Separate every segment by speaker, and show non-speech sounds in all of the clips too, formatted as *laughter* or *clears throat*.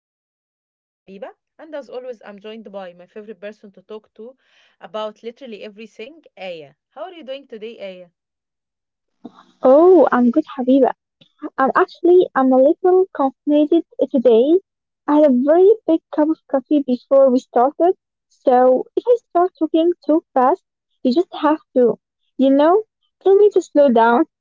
Speaker 1: Plate. I'm your host Habiba, and as always, I'm joined by my favorite person to talk to about literally everything, Aya. How are you doing today, Aya?
Speaker 2: Oh, I'm good, Habiba. I'm actually I'm a little caffeinated today. I had a very big cup of coffee before we started, so if I start talking too fast, you just have to, you know, tell me to slow down. *laughs*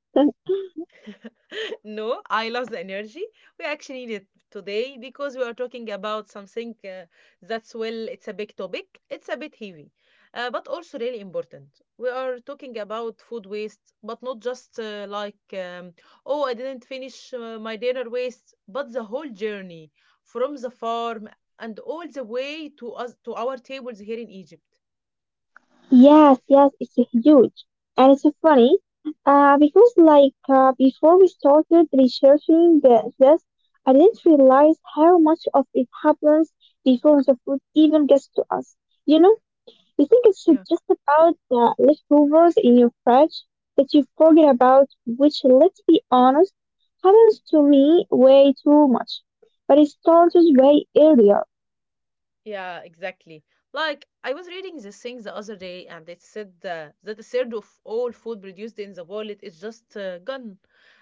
Speaker 1: No, I love the energy. We actually need it today because we are talking about something that's, well, it's a big topic. It's a bit heavy, but also really important. We are talking about food waste, but not just oh, I didn't finish my dinner waste, but the whole journey from the farm and all the way to us to our tables here in Egypt.
Speaker 2: Yes, yes, it's huge, and it's so funny, because before we started researching this, I didn't realize how much of it happens before the food even gets to us. You know. You think it's
Speaker 1: Yeah.
Speaker 2: just about the leftovers in your fridge that you forget about, which, let's be honest, happens to me way too much. But it started way earlier.
Speaker 1: Yeah, exactly. Like I was reading this thing the other day, and it said that a third of all food produced in the world is just gone,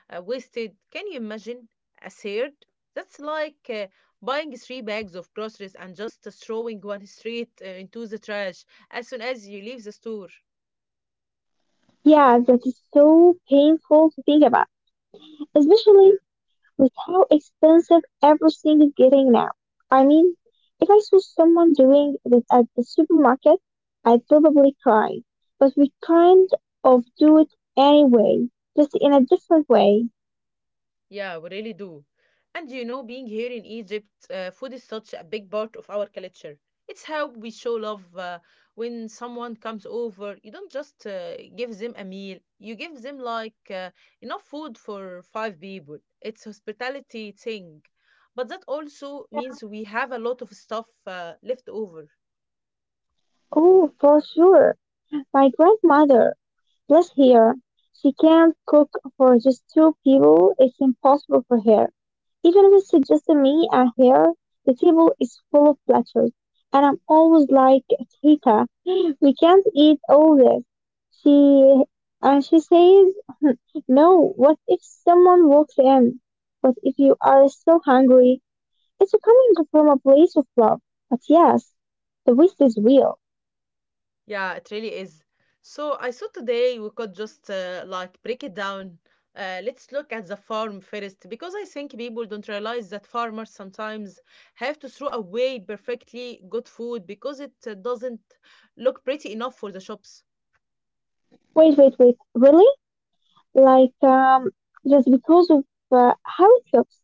Speaker 1: wasted. Can you imagine a third? That's like buying three bags of groceries and just throwing one straight into the trash as soon as you leave the store.
Speaker 2: Yeah, that is so painful to think about, especially with how expensive everything is getting now. I mean, if I saw someone doing this at the supermarket, I'd probably cry. But we kind of do it anyway, just in a different way.
Speaker 1: Yeah, we really do. And you know, being here in Egypt, food is such a big part of our culture. It's how we show love. When someone comes over, you don't just give them a meal, you give them enough food for five people. It's hospitality thing. But that also
Speaker 2: Yeah.
Speaker 1: means we have a lot of stuff left over.
Speaker 2: Oh, for sure. My grandmother, bless her, she can't cook for just two people. It's impossible for her. Even if it's just me and her, the table is full of platters. And I'm always like, Tita, we can't eat all this. She, and she says, *laughs* no, what if someone walks in? What if you are still hungry? It's coming from a place of love. But yes, the waste is real.
Speaker 1: Yeah, it really is. So I thought today we could just break it down. Let's look at the farm first because I think people don't realize that farmers sometimes have to throw away perfectly good food because it doesn't look pretty enough for the shops.
Speaker 2: Wait, wait, wait. Really? Like, just because of how it looks?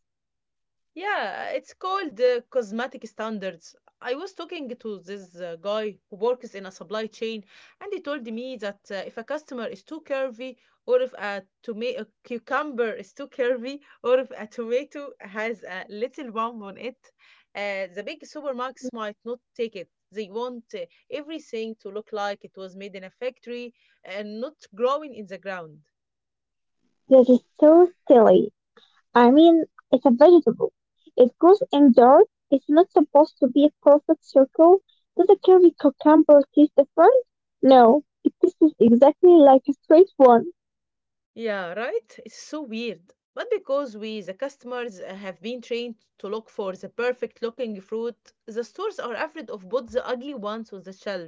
Speaker 1: Yeah, it's called cosmetic standards. I was talking to this guy who works in a supply chain, and he told me that if a customer is too curvy, or if a cucumber is too curvy, or if a tomato has a little bump on it, the big supermarkets
Speaker 2: Mhm.
Speaker 1: might not take it. They want everything to look like it was made in a factory and not growing in the ground.
Speaker 2: That is so silly. I mean, it's a vegetable. It grows in dirt. It's not supposed to be a perfect circle. Does a curvy cucumber taste different? No, it tastes exactly like a straight one.
Speaker 1: Yeah, right? It's so weird. But because we, the customers, have been trained to look for the perfect looking fruit, the stores are afraid of both the ugly ones on the shelf.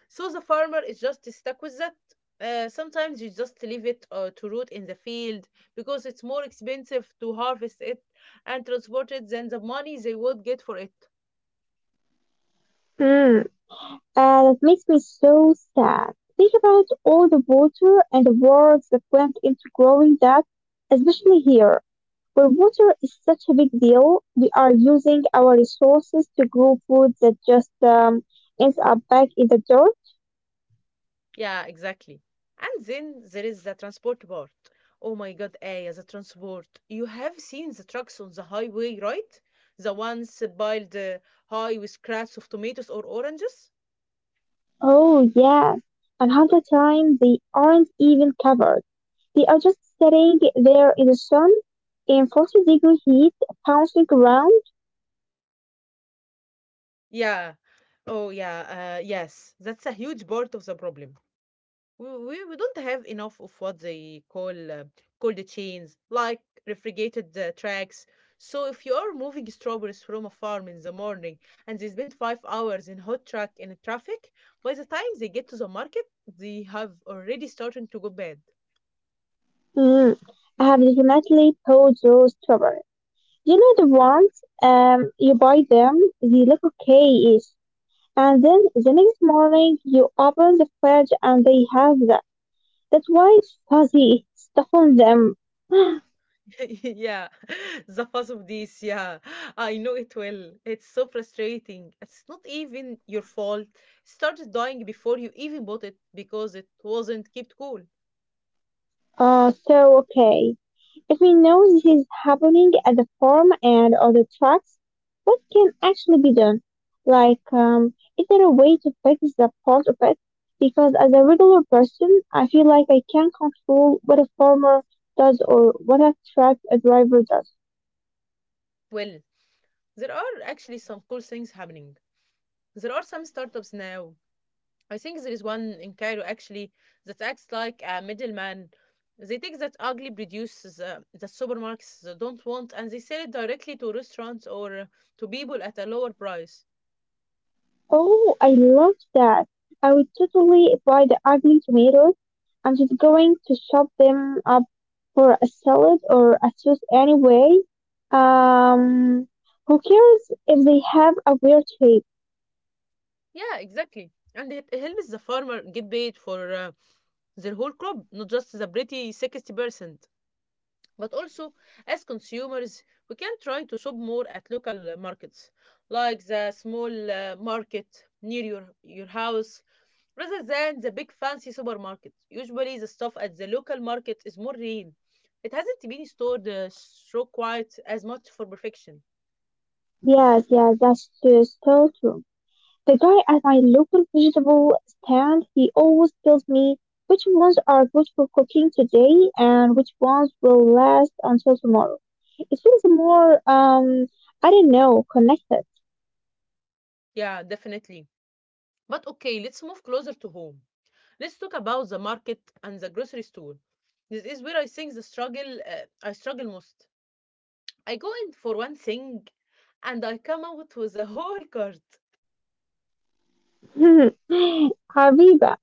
Speaker 1: So the farmer is just stuck with that. Sometimes you just leave it to root in the field because it's more expensive to harvest it and transport it than the money they would get for it.
Speaker 2: Hmm, and it makes me so sad. Think about all the water and the words that went into growing that, especially here. But water is such a big deal. We are using our resources to grow food that just ends up back in the dirt.
Speaker 1: Yeah, exactly. And then there is the transport part. Oh my God, Aya, the transport. You have seen the trucks on the highway, right? The ones piled high with crates of tomatoes or oranges?
Speaker 2: Oh, yes. And half the time, they aren't even covered. They are just sitting there in the sun in 40-degree heat, bouncing around.
Speaker 1: Yeah. Oh, yeah. Yes. That's a huge part of the problem. We don't have enough of what they call cold chains, like refrigerated tracks. So if you are moving strawberries from a farm in the morning and they spend 5 hours in hot truck in traffic, by the time they get to the market, they have already started to go bad.
Speaker 2: Mm. I have definitely pulled those strawberries. You know the ones, you buy them, they look okay-ish. And then the next morning, you open the fridge and they have them. That's why Fuzzy stuffed them. *gasps*
Speaker 1: *laughs* Yeah, *laughs* the fuss of this. Yeah, I know it well. It's so frustrating. It's not even your fault. It started dying before you even bought it because it wasn't kept cool.
Speaker 2: So okay, if we know this is happening at the farm and on the tracks, what can actually be done? Like, is there a way to fix the part of it? Because as a regular person, I feel like I can't control what a farmer does or what a truck a driver does.
Speaker 1: Well, there are actually some cool things happening. There are some startups now. I think there is one in Cairo actually that acts like a middleman. They take that ugly produce the supermarkets don't want and they sell it directly to restaurants or to people at a lower price.
Speaker 2: Oh, I love that. I would totally buy the ugly tomatoes. I'm just going to chop them up for a salad or a sauce anyway. Um, who cares if they have a weird shape?
Speaker 1: Yeah, exactly. And it helps the farmer get paid for their whole crop, not just the pretty 60%. But also, as consumers, we can try to shop more at local markets, like the small market near your house, rather than the big fancy supermarket. Usually, the stuff at the local market is more real. It hasn't been stored so quite as much for perfection.
Speaker 2: Yes, yes, that's just so true. The guy at my local vegetable stand, he always tells me which ones are good for cooking today and which ones will last until tomorrow. It feels more, I don't know, connected.
Speaker 1: Yeah, definitely. But okay, let's move closer to home. Let's talk about the market and the grocery store. This is where I think the struggle I struggle most. I go in for one thing and I come out with a whole cart.
Speaker 2: *laughs* Habiba,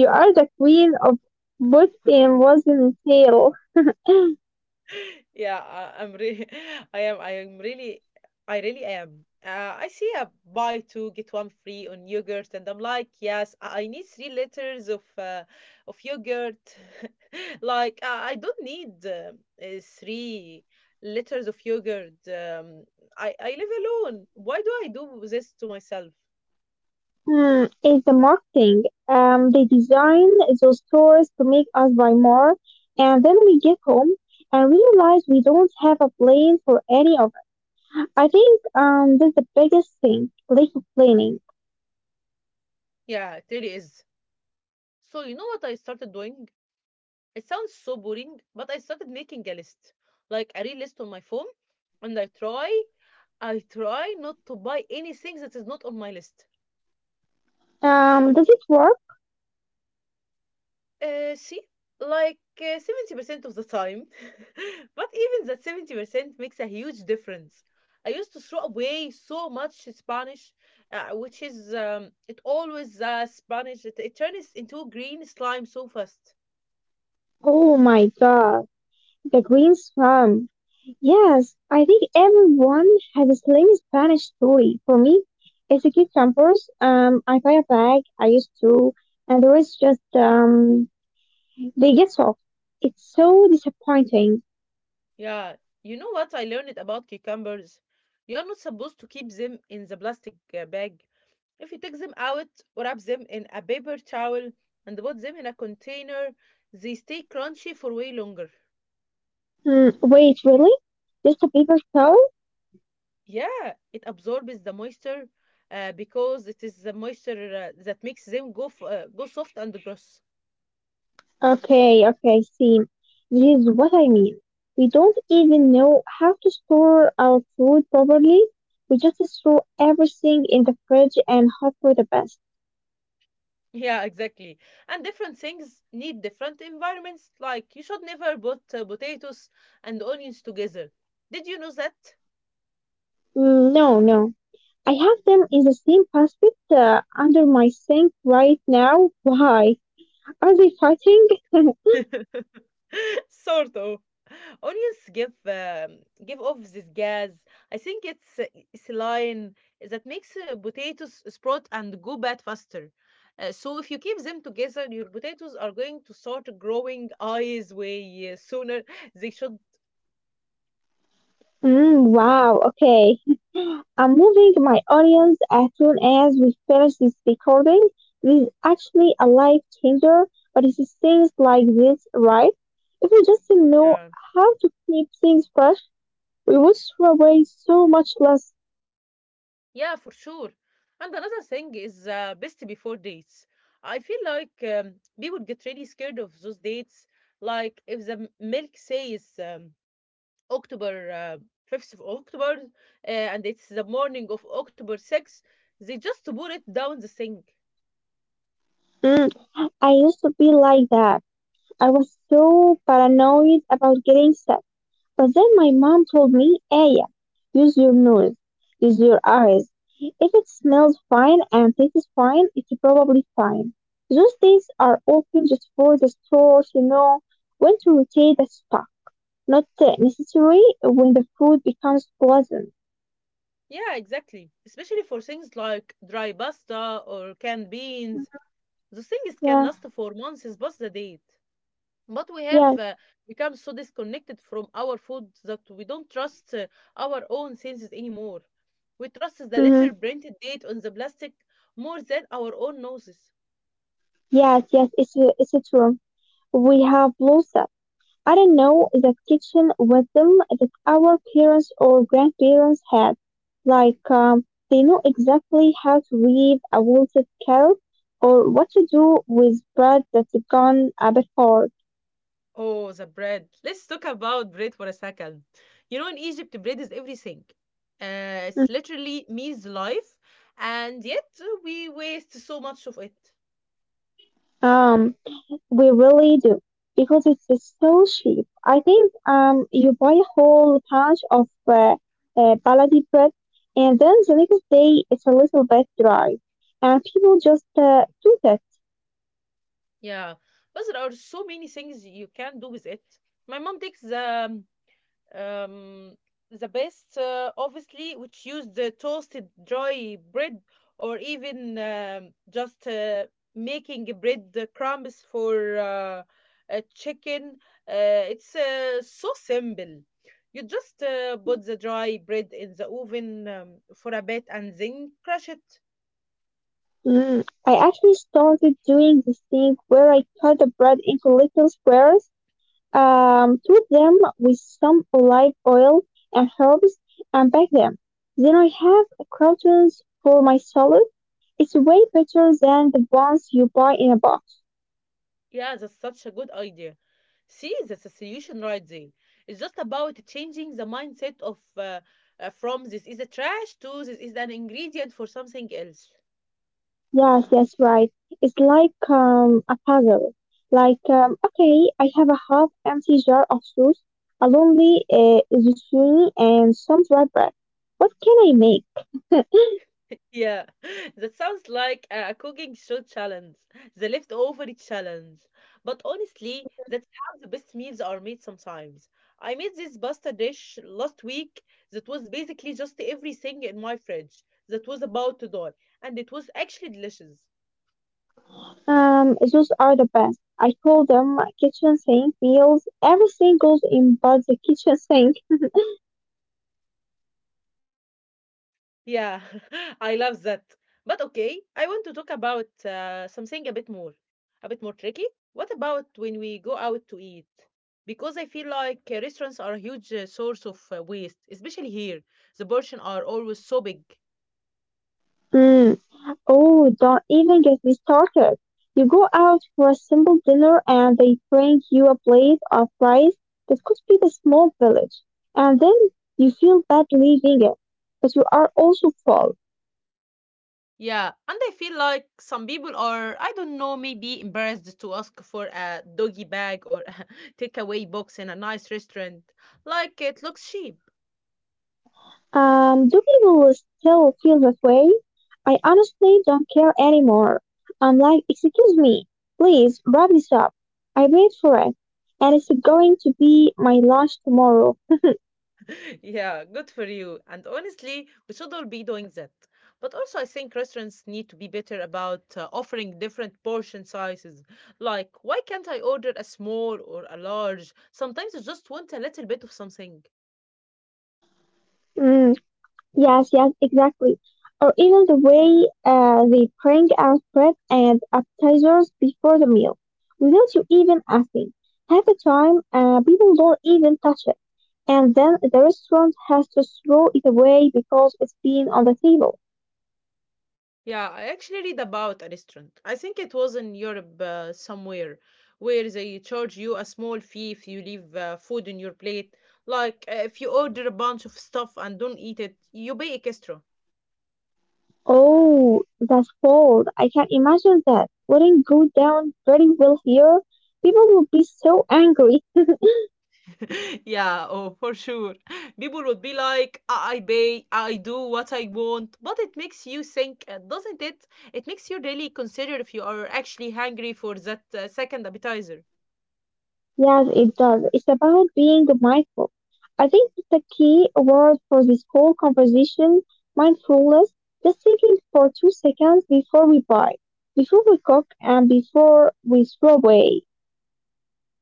Speaker 2: you are the queen of both in was and tail.
Speaker 1: Yeah, *laughs* I am really, I really am. I see a buy two get one free on yogurt, and I'm like, yes, I need 3 liters of yogurt. *laughs* I don't need 3 liters of yogurt. I live alone. Why do I do this to myself?
Speaker 2: Hmm, it's the marketing. They design those stores to make us buy more, and then we get home and realize we don't have a plan for any of it. I think that's the biggest thing, lack of planning.
Speaker 1: Yeah, it really is. So you know what I started doing? It sounds so boring, but I started making a list, like a real list on my phone, and I try not to buy anything that is not on my list.
Speaker 2: Does it work?
Speaker 1: See, like 70% of the time, *laughs* but even that 70% makes a huge difference. I used to throw away so much Spanish, which is it always Spanish. It turns into green slime so fast.
Speaker 2: Oh my god. The Green Swan. Yes, I think everyone has a slim Spanish story. For me, it's a kid campers. I buy a bag, I used to, and the rest just, they get soft. It's so disappointing.
Speaker 1: Yeah, you know what I learned about cucumbers? You are not supposed to keep them in the plastic bag. If you take them out, wrap them in a paper towel and put them in a container, they stay crunchy for way longer.
Speaker 2: Hmm, wait, really? Just a paper towel?
Speaker 1: Yeah, it absorbs the moisture because it is the moisture that makes them go soft and gross. *laughs*
Speaker 2: Okay, okay, see. This is what I mean. We don't even know how to store our food properly. We just throw everything in the fridge and hope for the best.
Speaker 1: Yeah, exactly. And different things need different environments. Like you should never put potatoes and onions together. Did you know that?
Speaker 2: Mm, no, no. I have them in the same basket under my sink right now. Why? Are they fighting? *laughs*
Speaker 1: Sort of. Onions give off this gas. I think it's saline that makes potatoes sprout and go bad faster. So if you keep them together, your potatoes are going to start growing eyes way sooner. *laughs* They should.
Speaker 2: Mm, wow, okay. I'm moving my audience as soon as we finish this recording. This is actually a life changer, but it's things like this, right? If we just know
Speaker 1: Yeah.
Speaker 2: how to keep things fresh, we would throw away so much less.
Speaker 1: Yeah, for sure. And another thing is best before dates. I feel like people get really scared of those dates. Like if the milk says. October, 5th of October, and it's the morning of October 6th, they just pour it down the sink.
Speaker 2: Mm, I used to be like that. I was so paranoid about getting sick. But then my mom told me, Aya, use your nose, use your eyes. If it smells fine and tastes fine, it's probably fine. Those days are open just for the stores, you know, when to rotate the stuff. Not necessary when the food becomes poison.
Speaker 1: Yeah, exactly. Especially for things like dry pasta or canned beans.
Speaker 2: hmm
Speaker 1: Those things can
Speaker 2: Yeah,
Speaker 1: last for months past the date. But we have
Speaker 2: yes,
Speaker 1: become so disconnected from our food that we don't trust our own senses anymore. We trust the
Speaker 2: hmm
Speaker 1: little printed date on the plastic more than our own noses.
Speaker 2: yes, yes, it's true. We have lost that. I don't know that kitchen wisdom that our parents or grandparents had. Like, they know exactly how to weave a wilted carrot or what to do with bread that's gone a bit hard.
Speaker 1: Oh, the bread. Let's talk about bread for a second. You know, in Egypt, bread is everything. It's
Speaker 2: hmm
Speaker 1: literally means life, and yet we waste so much of it.
Speaker 2: Um, we really do because it's just so cheap. I think you buy a whole bunch of baladi bread, and then the next day it's a little bit dry, and people just do
Speaker 1: Yeah, but there are so many things you can do with it. My mom takes um, the best, obviously, which use the toasted dry bread or even just making bread crumbs for a chicken. It's so simple. You just put the
Speaker 2: that.
Speaker 1: dry bread in the oven for a bit and then crush it.
Speaker 2: Mm, I actually started doing this thing where I cut the bread into little squares, coat them with some olive oil and herbs, and bake them. Then I have croutons for my salad. It's way better than the ones you buy in a box.
Speaker 1: Yeah, that's such a good idea. See, that's a solution right there. It's just about changing the mindset of from this is a trash to this is an ingredient for something else.
Speaker 2: Yes, that's right. It's like a puzzle. Like, okay, I have a half empty jar of sauce, a lonely zucchini, and some dry bread. What can I make?
Speaker 1: Yeah, *laughs* that sounds like a cooking show challenge, the leftover challenge. But honestly,
Speaker 2: *laughs*
Speaker 1: that's how the best meals are made sometimes. I made this pasta dish last week that was basically just everything in my fridge that was about to die, and it was actually delicious.
Speaker 2: Those are the best. I call them kitchen sink meals. Everything goes in but the kitchen sink.
Speaker 1: Yeah, *laughs* I love that. But okay, I want to talk about something a bit more tricky. What about when we go out to eat? Because I feel like restaurants are a huge source of waste, especially here. The portion are always so big.
Speaker 2: Mm. Oh, don't even get me started. You go out for a simple dinner and they bring you a plate of rice that could feed a small village. And then you feel bad leaving it, but you are also full.
Speaker 1: Yeah, and I feel like some people are, I don't know, maybe embarrassed to ask for a doggy bag or *laughs* a takeaway box in a nice restaurant. Like it looks cheap.
Speaker 2: Do people still feel that way? I honestly don't care anymore. I'm like, excuse me, please, wrap this up. I paid for it, and it's going to be my lunch tomorrow.
Speaker 1: *laughs* Yeah, good for you. And honestly, we should all be doing that. But also, I think restaurants need to be better about offering different portion sizes. Like, why can't I order a small or a large? Sometimes I just want a little bit of something.
Speaker 2: Mm, yes, yes, exactly. Or even the way they bring out bread and appetizers before the meal, without you even asking. Half the time, people don't even touch it, and then the restaurant has to throw it away because it's been on the table.
Speaker 1: Yeah, I actually read about a restaurant. I think it was in Europe somewhere where they charge you a small fee if you leave food in your plate. Like, if you order a bunch of stuff and don't eat it, you pay extra.
Speaker 2: Oh, that's cold. I can imagine that. Wouldn't go down very well here. People would be so angry.
Speaker 1: *laughs* yeah, oh, for sure. People would be like, I pay, I do what I want. But it makes you think, doesn't it? It makes you really consider if you are actually hungry for that second appetizer.
Speaker 2: Yes, it does. It's about being mindful. I think it's the key word for this whole conversation, mindfulness. Just thinking for 2 seconds before we buy, before we cook, and before we throw away.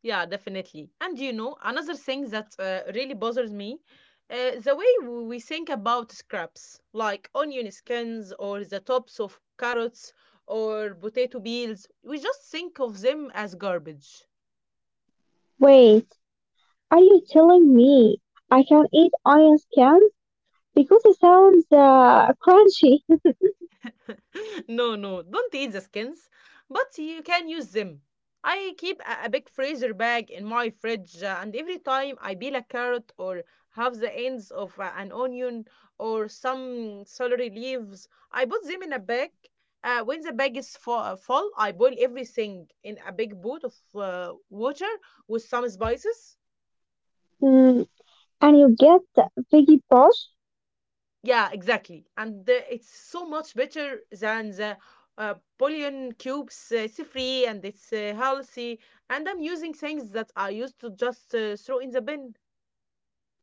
Speaker 1: Yeah, definitely. And you know, another thing that really bothers me. The way we think about scraps, like onion skins or the tops of carrots or potato peels, we just think of them as garbage.
Speaker 2: Wait, are you telling me I can eat iron scans? Because it sounds crunchy.
Speaker 1: *laughs* No, no, don't eat the skins, but you can use them. I keep a big freezer bag in my fridge, and every time I peel a carrot or have the ends of an onion or some celery leaves, I put them in a bag. When the bag is full, I boil everything in a big pot of water with some spices.
Speaker 2: *laughs* And you get Biggie Boss?
Speaker 1: Yeah, exactly. And it's so much better than the Bouillon cubes. It's free and it's healthy. And I'm using things that I used to just throw in the bin.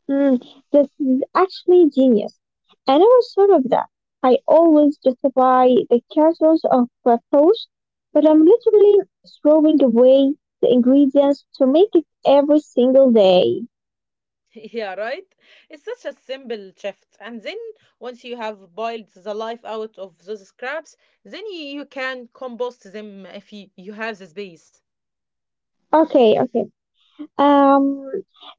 Speaker 2: Mm, this is actually genius. I never thought of that. I always justify the castles of pros, but I'm literally throwing away the ingredients to make it every single day.
Speaker 1: *laughs* Yeah, right? It's such a simple shift. And then once you have boiled the life out of those scraps, then you can compost them if you have the space.
Speaker 2: Okay, okay. Um,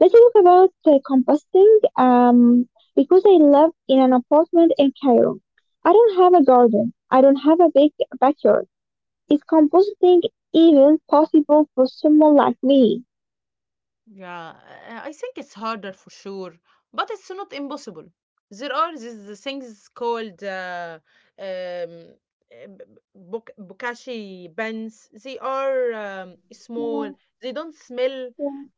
Speaker 2: let's talk about composting. Because I live in an apartment in Cairo, I don't have a garden. I don't have a big backyard. Is compositing even possible for someone like me?
Speaker 1: Yeah, I think it's harder for sure, but it's not impossible. There are these things called um, uh, b- bokashi pens. They are small. They don't smell,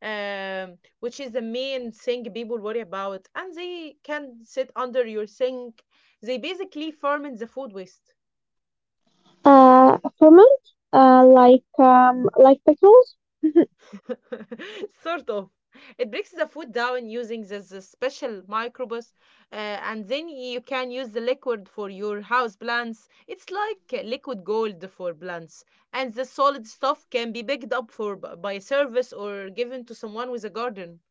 Speaker 1: which is the main thing people worry about. And they can sit under your sink. They basically ferment the food waste.
Speaker 2: Ferment, like petals,
Speaker 1: *laughs* Sort of. It breaks the food down using this special microbes, uh, and then you can use the liquid for your house plants. It's like liquid gold for plants, and the solid stuff can be picked up for by service or given to someone with a garden.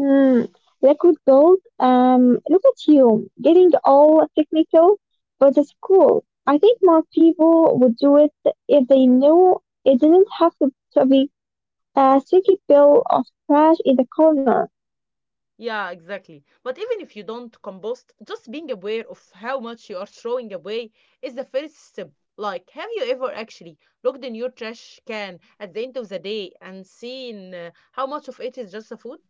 Speaker 2: mm, liquid gold. Look at you, getting all technical, but it's cool. I think more people would do it if they knew it didn't have to be a sticky pill of trash in the corner.
Speaker 1: Yeah, exactly. But even if you don't compost, just being aware of how much you are throwing away is the first step. Like, have you ever actually looked in your trash can at the end of the day and seen how much of it is just the food?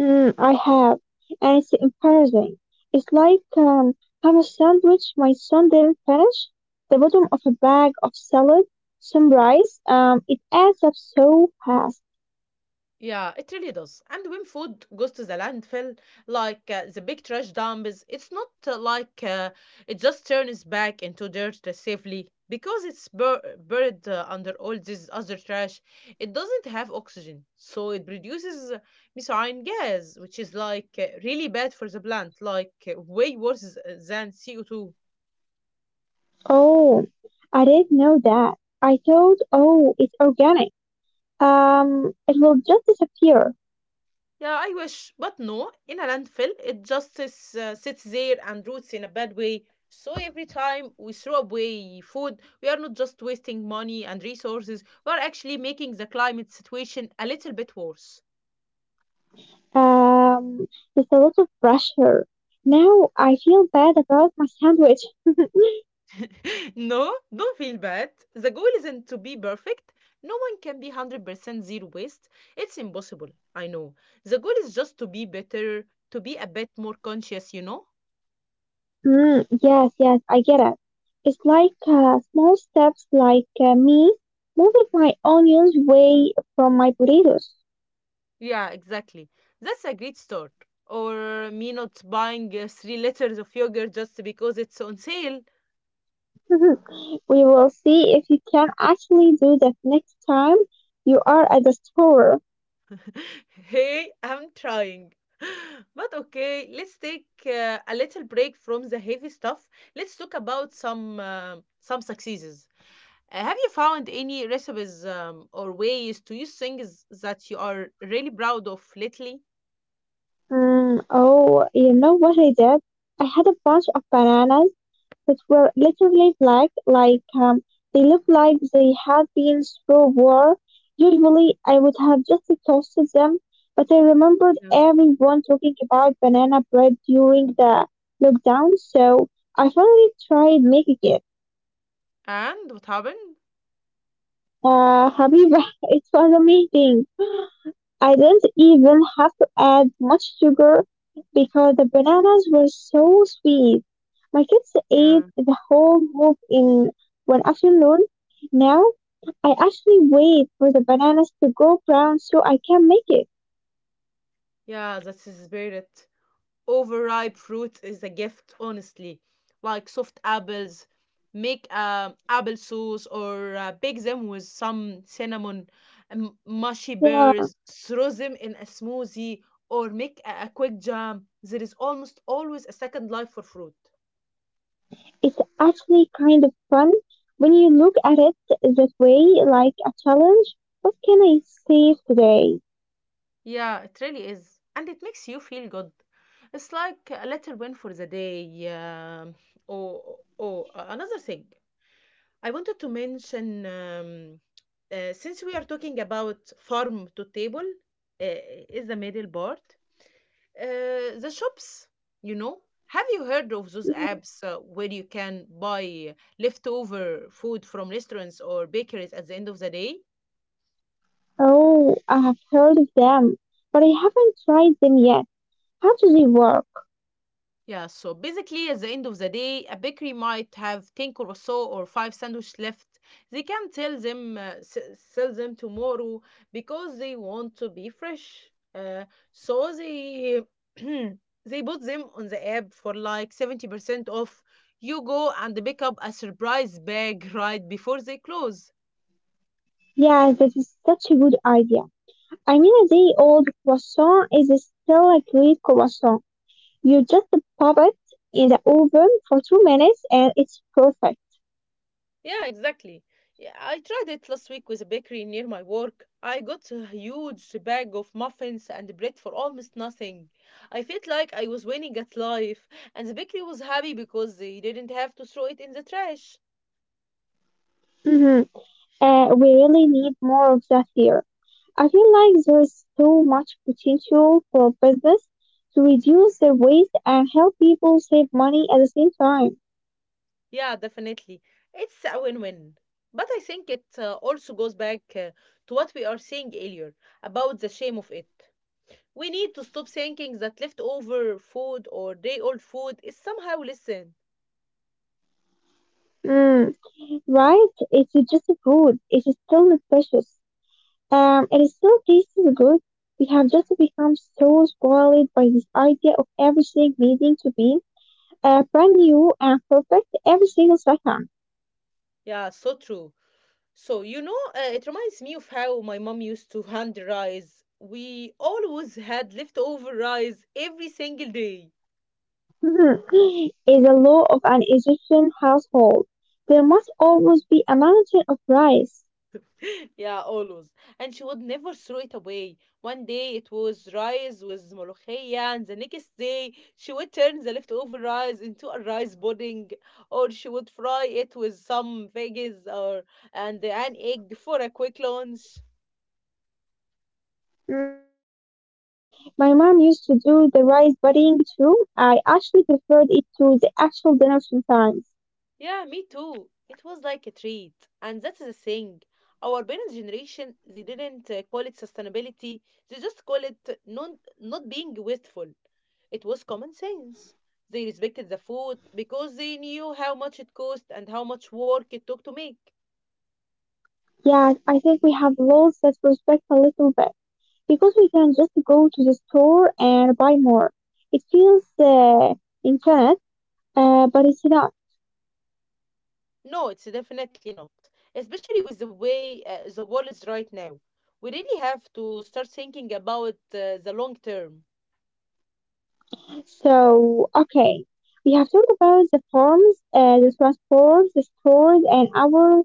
Speaker 2: Mm, I have, and it's embarrassing. It's like have a sandwich my son didn't finish, the bottom of a bag of salad, some rice. It adds up so fast.
Speaker 1: Yeah, it really does. And when food goes to the landfill, like the big trash dumps, it's not it just turns back into dirt safely because it's buried under all this other trash. It doesn't have oxygen, so it produces methane gas, which is like really bad for the plant, like way worse than CO2.
Speaker 2: Oh, I didn't know that. I thought, oh, it's organic. It will just disappear.
Speaker 1: Yeah, I wish, but no, in a landfill, it just is, sits there and roots in a bad way. So every time we throw away food, we are not just wasting money and resources, we are actually making the climate situation a little bit worse.
Speaker 2: Um, there's a lot of pressure. Now I feel bad about my sandwich. *laughs*
Speaker 1: *laughs* No, don't feel bad. The goal isn't to be perfect. No one can be 100% zero waste. It's impossible, I know. The goal is just to be better, to be a bit more conscious, you know?
Speaker 2: Mm, yes, yes, I get it. It's like small steps, like me moving my onions away from my potatoes.
Speaker 1: Yeah, exactly. That's a great start. Or me not buying 3 liters of yogurt just because it's on sale.
Speaker 2: *laughs* We will see if you can actually do that next time you are at the store.
Speaker 1: *laughs* Hey, I'm trying. *gasps* *laughs* But okay, let's take a little break from the heavy stuff. Let's talk about some successes. Have you found any recipes or ways to use things that you are really proud of lately?
Speaker 2: Mm, oh, you know what I did? I had a bunch of bananas that were literally black, like they looked like they had been through war. Usually, I would have just toasted them, but I remembered
Speaker 1: Yeah.
Speaker 2: everyone talking about banana bread during the lockdown, so I finally tried making it.
Speaker 1: And what happened?
Speaker 2: Habiba, *laughs* it was amazing. I didn't even have to add much sugar because the bananas were so sweet. My kids ate
Speaker 1: Yeah.
Speaker 2: the whole bowl in one afternoon. Now I actually wait for the bananas to go brown so I can make it.
Speaker 1: Yeah, that's his spirit. Overripe fruit is a gift, honestly, like soft apples. Make apple sauce or bake them with some cinnamon, mushy
Speaker 2: Yeah,
Speaker 1: pears, throw them in a smoothie, or make a quick jam. There is almost always a second life for fruit.
Speaker 2: it's actually kind of fun when you look at it that way, like a challenge. What can I save today?
Speaker 1: Yeah, it really is. And it makes you feel good. It's like a little win for the day. Or another thing I wanted to mention, since we are talking about farm to table, uh, is the middle part. The shops, you know, have you heard of those
Speaker 2: Mhm.
Speaker 1: apps where you can buy leftover food from restaurants or bakeries at the end of the day?
Speaker 2: Oh, I have heard of them, but I haven't tried them yet. How do they work?
Speaker 1: Yeah, so basically, at the end of the day, a bakery might have 10 croissant or 5 sandwiches left. They can tell them, sell them tomorrow because they want to be fresh. So they *clears throat* they put them on the app for like 70% off. You go and pick up a surprise bag *laughs* right before they close.
Speaker 2: Yeah, that is such a good idea. I mean, a day old croissant is still a great croissant. You just pop it in the oven for 2 minutes and it's perfect.
Speaker 1: Yeah, exactly. Yeah, I tried it last week with a bakery near my work. I got a huge bag of muffins and bread for almost nothing. I felt like I was winning at life, and the bakery was happy because they didn't have to throw it in the trash.
Speaker 2: hmm we really need more of that here. I feel like there is so much potential for business to reduce their waste and help people save money at the same time.
Speaker 1: Yeah, definitely. It's a win win. But I think it also goes back to what we are saying earlier about the shame of it. We need to stop thinking that leftover food or day old food is somehow listen.
Speaker 2: Mm. Right? It's just food. It's still nutritious. It is so tastes good. We have just become so spoiled by this idea of everything needing to be brand new and perfect every single second.
Speaker 1: Yeah, so true. So, you know, it reminds me of how my mom used to hand rice. We always had leftover rice every single day.
Speaker 2: *laughs* Is a law of an Egyptian household. There must always be a mountain of rice.
Speaker 1: *laughs* Yeah, always. And she would never throw it away. One day it was rice with ملوخية, and the next day she would turn the leftover rice into a rice pudding, or she would fry it with some veggies or and an egg for a quick lunch.
Speaker 2: Mm. My mom used to do the rice pudding too. I actually preferred it to the actual dinner sometimes.
Speaker 1: Yeah, me too. It was like a treat. And that's the thing. Our parents' generation, they didn't call it sustainability. They just call it not being wasteful. It was common sense. They respected the food because they knew how much it cost and how much work it took to make.
Speaker 2: Yeah, I think we have lost that respect a little bit, because we can just go to the store and buy more. It feels infinite, but it's not.
Speaker 1: No, it's definitely not. Especially with the way the world is right now. We really have to start thinking about the long term.
Speaker 2: So, okay, we have talked about the farms, the transport, the stores, and our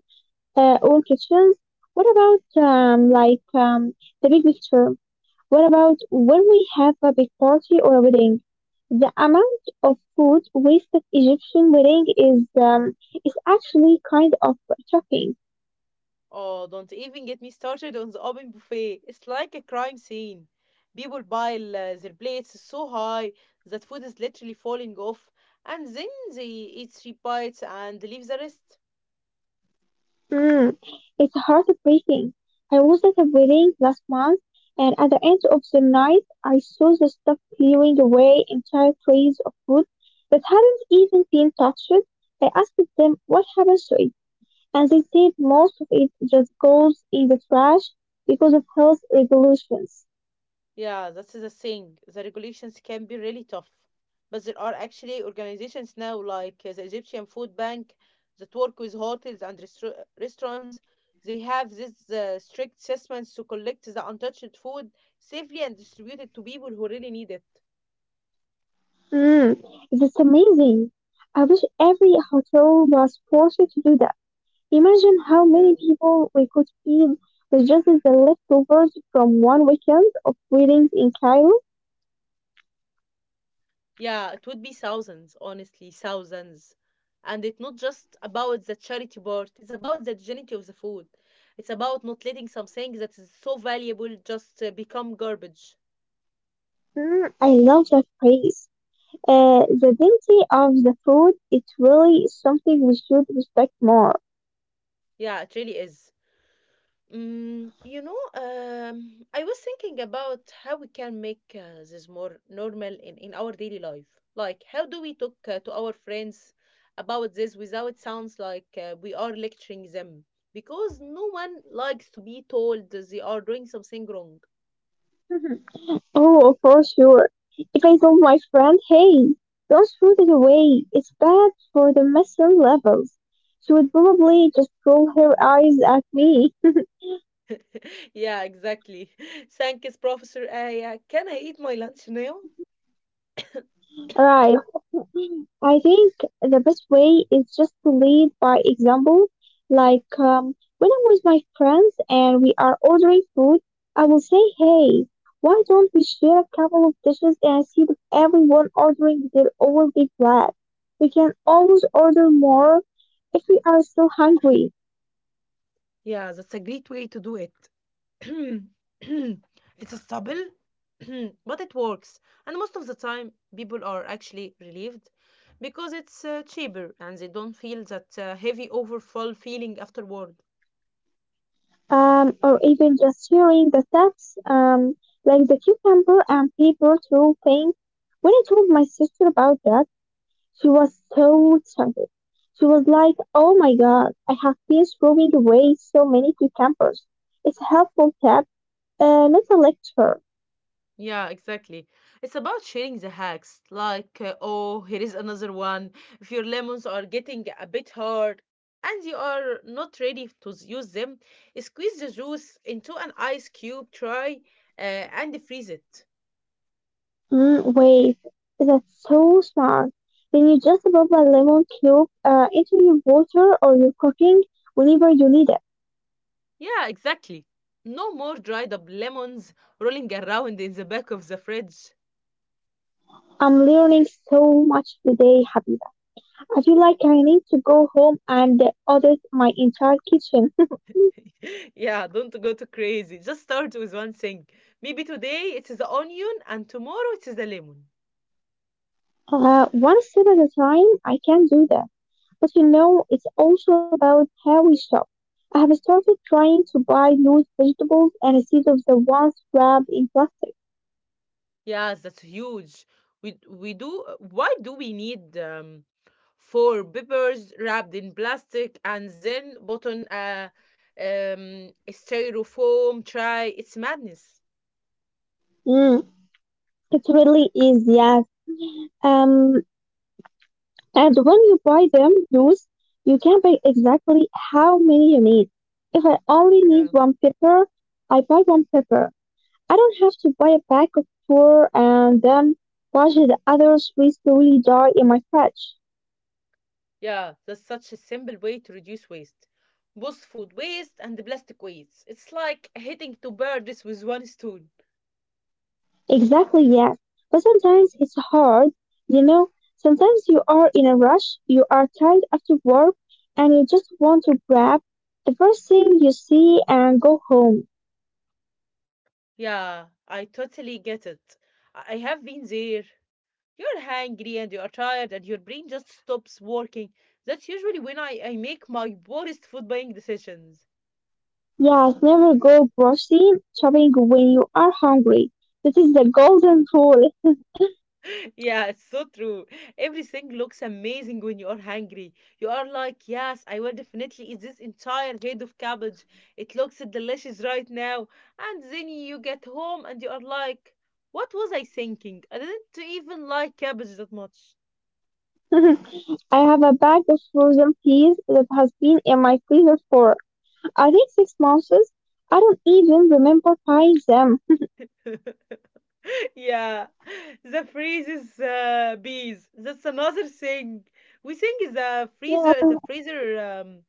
Speaker 2: own kitchens. What about the big picture? What about when we have a big party or a wedding? The amount of food wasted Egyptian wedding is actually kind of shocking.
Speaker 1: Oh, don't even get me started on the open buffet. It's like a crime scene. People pile their plates so high that food is literally falling off, and then they eat 3 bites and leave the rest.
Speaker 2: Mm, it's heartbreaking. I was at a wedding last month, and at the end of the night, I saw the staff clearing away entire trays of food that hadn't even been touched. I asked them what happened to it, and they said most of it just goes in the trash because of health regulations.
Speaker 1: Yeah, that's the thing. The regulations can be really tough. But there are actually organizations now, like the Egyptian Food Bank, that work with hotels and restaurants. They have these strict assessments to collect the untouched food safely and distribute it to people who really need it.
Speaker 2: Mm, that's amazing. I wish every hotel was forced to do that. Imagine how many
Speaker 1: Yeah.
Speaker 2: people we could feed with just the leftovers from one weekend of weddings in Cairo.
Speaker 1: Yeah, it would be thousands, honestly, thousands. And it's not just about the charity part, it's about the dignity of the food. It's about not letting something that is so valuable just become garbage.
Speaker 2: Mm, I love that phrase. The dignity of the food, it's really something we should respect more.
Speaker 1: Yeah, it really is. Mm, you know, I was thinking about how we can make this more normal in our daily life. Like, how do we talk to our friends about this without it sounds like we are lecturing them? Because no one likes to be told they are doing something wrong.
Speaker 2: Mhm. Oh, for sure. If I told my friend, hey, don't throw it away, it's bad for the methane levels, she would probably just roll her eyes at me.
Speaker 1: *laughs* Yeah, exactly. *laughs* Thank you, Professor Aya. Can I eat my lunch now?
Speaker 2: *laughs* Right. I think the best way is just to lead by example. When I'm with my friends and we are ordering food, I will say, "Hey, why don't we share a couple of dishes instead of everyone ordering their own big plate? We can always order more if we are still hungry."
Speaker 1: Yeah, that's a great way to do it. *clears throat* It's a stubble, *clears throat* but it works. And most of the time, people are actually relieved because it's cheaper and they don't feel that heavy overfall feeling afterward.
Speaker 2: Or even just sharing the steps, like the cucumber and pepper through thing. When I told my sister about that, she was so excited. She was like, "Oh my God, I have been throwing away so many cucumbers." It's a helpful tip, not a lecture.
Speaker 1: Yeah, exactly. It's about sharing the hacks, like, oh, here is another one. If your lemons are getting a bit hard and you are not ready to use them, squeeze the juice into an ice cube tray and freeze it.
Speaker 2: Mm, wait, that's so smart. Then you just rub a lemon cube into your water or your cooking whenever you need it.
Speaker 1: Yeah, exactly. No more dried up lemons rolling around in the back of the fridge.
Speaker 2: I'm learning so much today, Habiba. I feel like I need to go home and audit my entire kitchen. *laughs*
Speaker 1: *laughs* Yeah, don't go too crazy. Just start with one thing. Maybe today it is the onion and tomorrow it is the lemon.
Speaker 2: One step at a time, I can do that. But you know, it's also about how we shop. I have started trying to buy loose vegetables and instead of the ones wrapped in plastic.
Speaker 1: Yes, that's huge. We do why do we need four peppers wrapped in plastic and then put on a styrofoam tray? It's madness.
Speaker 2: Mm, it really is, yes. Um, and when you buy them loose, you can buy exactly how many you need. If I only need
Speaker 1: Yeah.
Speaker 2: one pepper, I buy one pepper. I don't have to buy a pack of four and then watch the other three slowly die in my fridge.
Speaker 1: Yeah, that's such a simple way to reduce waste. Both food waste and the plastic waste. It's like hitting two birds with one stone.
Speaker 2: Exactly, yes. But sometimes it's hard, you know. Sometimes you are in a rush, you are tired after work, and you just want to grab the first thing you see and go home.
Speaker 1: Yeah, I totally get it. I have been there. You're hungry and you are tired and your brain just stops working. That's usually when I make my worst food buying decisions.
Speaker 2: Yes, never go grocery shopping when you are hungry. This is the golden rule.
Speaker 1: Yeah, it's so true. Everything looks amazing when you are hungry. You are like, yes, I will definitely eat this entire head of cabbage. It looks delicious right now. And then you get home and you are like, what was I thinking? I didn't even like cabbage that much.
Speaker 2: *laughs* I have a bag of frozen peas that has been in my freezer for, I think, 6 months. I don't even remember buying them.
Speaker 1: *laughs* Yeah, the freeze is bees. That's another thing. We think the
Speaker 2: Yeah.
Speaker 1: freezer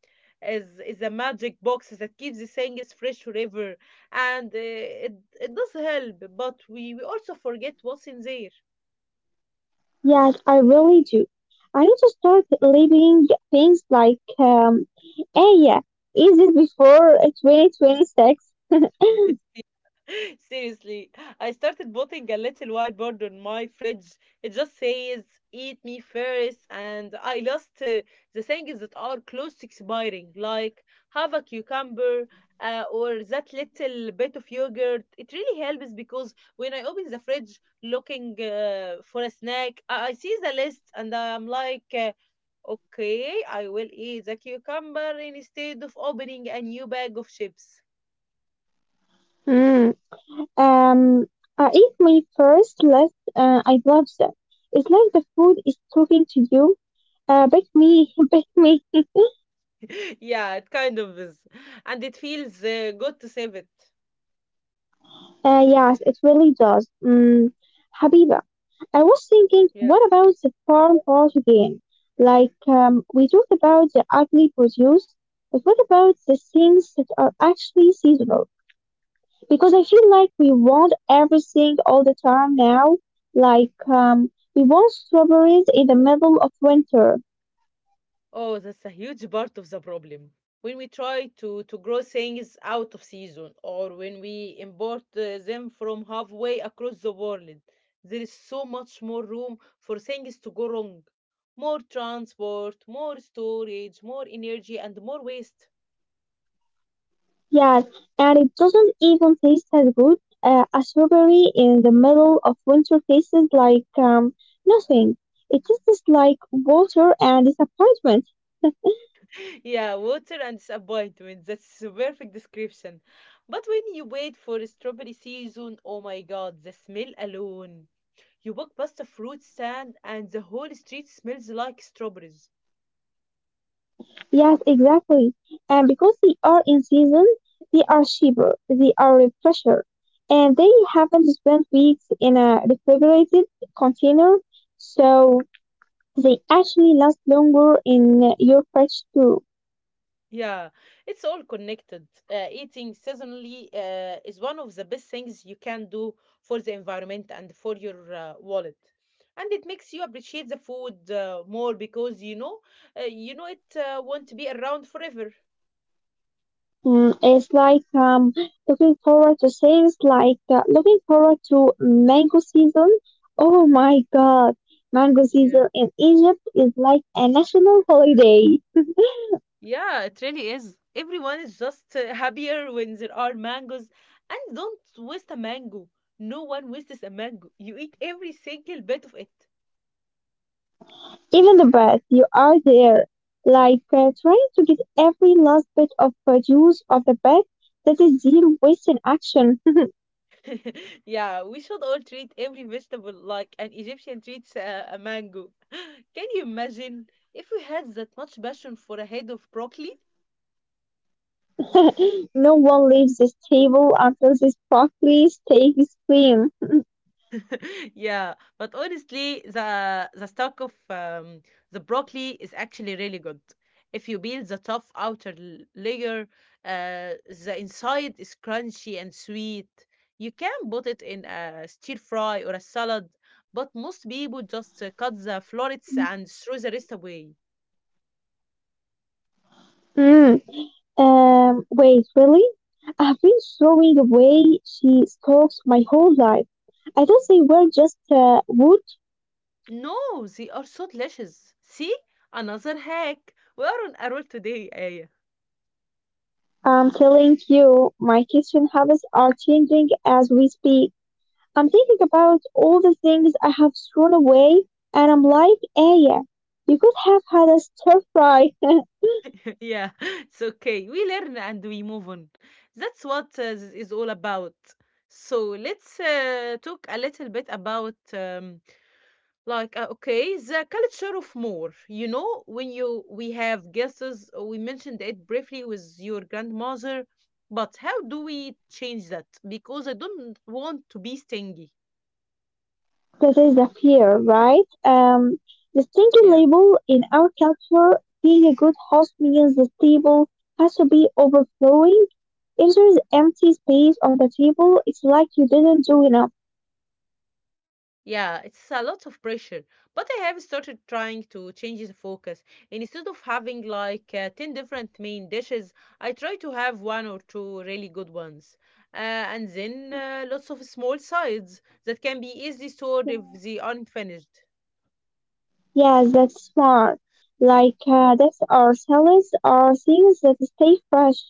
Speaker 1: is a magic box that keeps the things fresh forever, and it does help. But we also forget what's in there.
Speaker 2: Yes, I really do. I need to start leaving things like, hey, yeah, is it before 2026? *laughs*
Speaker 1: *laughs* Seriously, I started putting a little whiteboard on my fridge. It just says, eat me first, and I lost the things that are close to expiring, like have a cucumber or that little bit of yogurt. It really helps because when I open the fridge looking for a snack, I see the list and I'm like, okay, I will eat the cucumber instead of opening a new bag of chips.
Speaker 2: Mm. Um, I eat my first list. I love that. It's like the food is talking to you. Beg me, *laughs* beg me. *laughs*
Speaker 1: *laughs* Yeah, it kind of is. And it feels good to save it.
Speaker 2: Yes, it really does. Mm, Habiba. I was thinking,
Speaker 1: Yeah.
Speaker 2: what about the farm part again? We talked about the ugly produce, but what about the things that are actually seasonal? Because I feel like we want everything all the time now. We want strawberries in the middle of winter.
Speaker 1: Oh, that's a huge part of the problem. When we try to grow things out of season or when we import them from halfway across the world, there is so much more room for things to go wrong. More transport, more storage, more energy, and more waste.
Speaker 2: Yes, and it doesn't even taste as good. A strawberry in the middle of winter tastes like nothing. It tastes like water and disappointment.
Speaker 1: Yeah, water and disappointment. That's a perfect description. But when you wait for a strawberry season, oh my god, the smell alone. You walk past a fruit stand and the whole street smells like strawberries.
Speaker 2: Yes, exactly. And because they are in season, they are cheaper, they are fresher, and they haven't spent weeks in a refrigerated container, so they actually last longer in your fridge too.
Speaker 1: Yeah, it's all connected. Eating seasonally is one of the best things you can do for the environment and for your wallet. And it makes you appreciate the food more because you know it won't be around forever.
Speaker 2: Mm, it's like looking forward to things like looking forward to mango season. Oh my God, mango
Speaker 1: Yeah.
Speaker 2: season in Egypt is like a national holiday.
Speaker 1: Yeah, it really is. Everyone is just happier when there are mangoes. And don't waste a mango. No one wastes a mango. You eat every single bit of it.
Speaker 2: Even the best, you are there, trying to get every last bit of juice of the bag. That is zero waste in action.
Speaker 1: *laughs* Yeah, we should all treat every vegetable like an Egyptian treats a mango. *gasps* *laughs* Can you imagine if we had that much passion for a head of broccoli?
Speaker 2: *laughs* No one leaves this table until this broccoli steak is clean.
Speaker 1: *laughs* Yeah, but honestly, the stock of the broccoli is actually really good. If you peel the tough outer layer, uh, the inside is crunchy and sweet. You can put it in a stir fry or a salad, but most people just cut the florets and throw the rest away.
Speaker 2: Mm. Wait, really? I've been throwing away she stalks my whole life. I thought they were just wood.
Speaker 1: No, they are so delicious. See, another hack. We are on a roll today, eh?
Speaker 2: I'm telling you, my kitchen habits are changing as we speak. I'm thinking about all the things I have thrown away, and I'm like, Aya, you could have had a stir fry. *laughs* That
Speaker 1: Yeah, *laughs* it's okay. We learn and we move on. That's what this is all about. So let's talk a little bit about okay, the culture of more. You know, when you we have guests, we mentioned it briefly with your grandmother, but how do we change that? Because I don't want to be stingy.
Speaker 2: is the fear, right? The
Speaker 1: Yeah.
Speaker 2: stinking label in our culture, being a good host means the table has to be overflowing. If there's empty space on the table, it's like you didn't do enough.
Speaker 1: Yeah, it's a lot of pressure, but I have started trying to change the focus. Instead of having 10 different main dishes, I try to have one or two really good ones. And then
Speaker 2: Mhm.
Speaker 1: lots of small sides that can be easily stored if they aren't finished.
Speaker 2: Yeah, that's smart. That's our salads are things that stay fresh.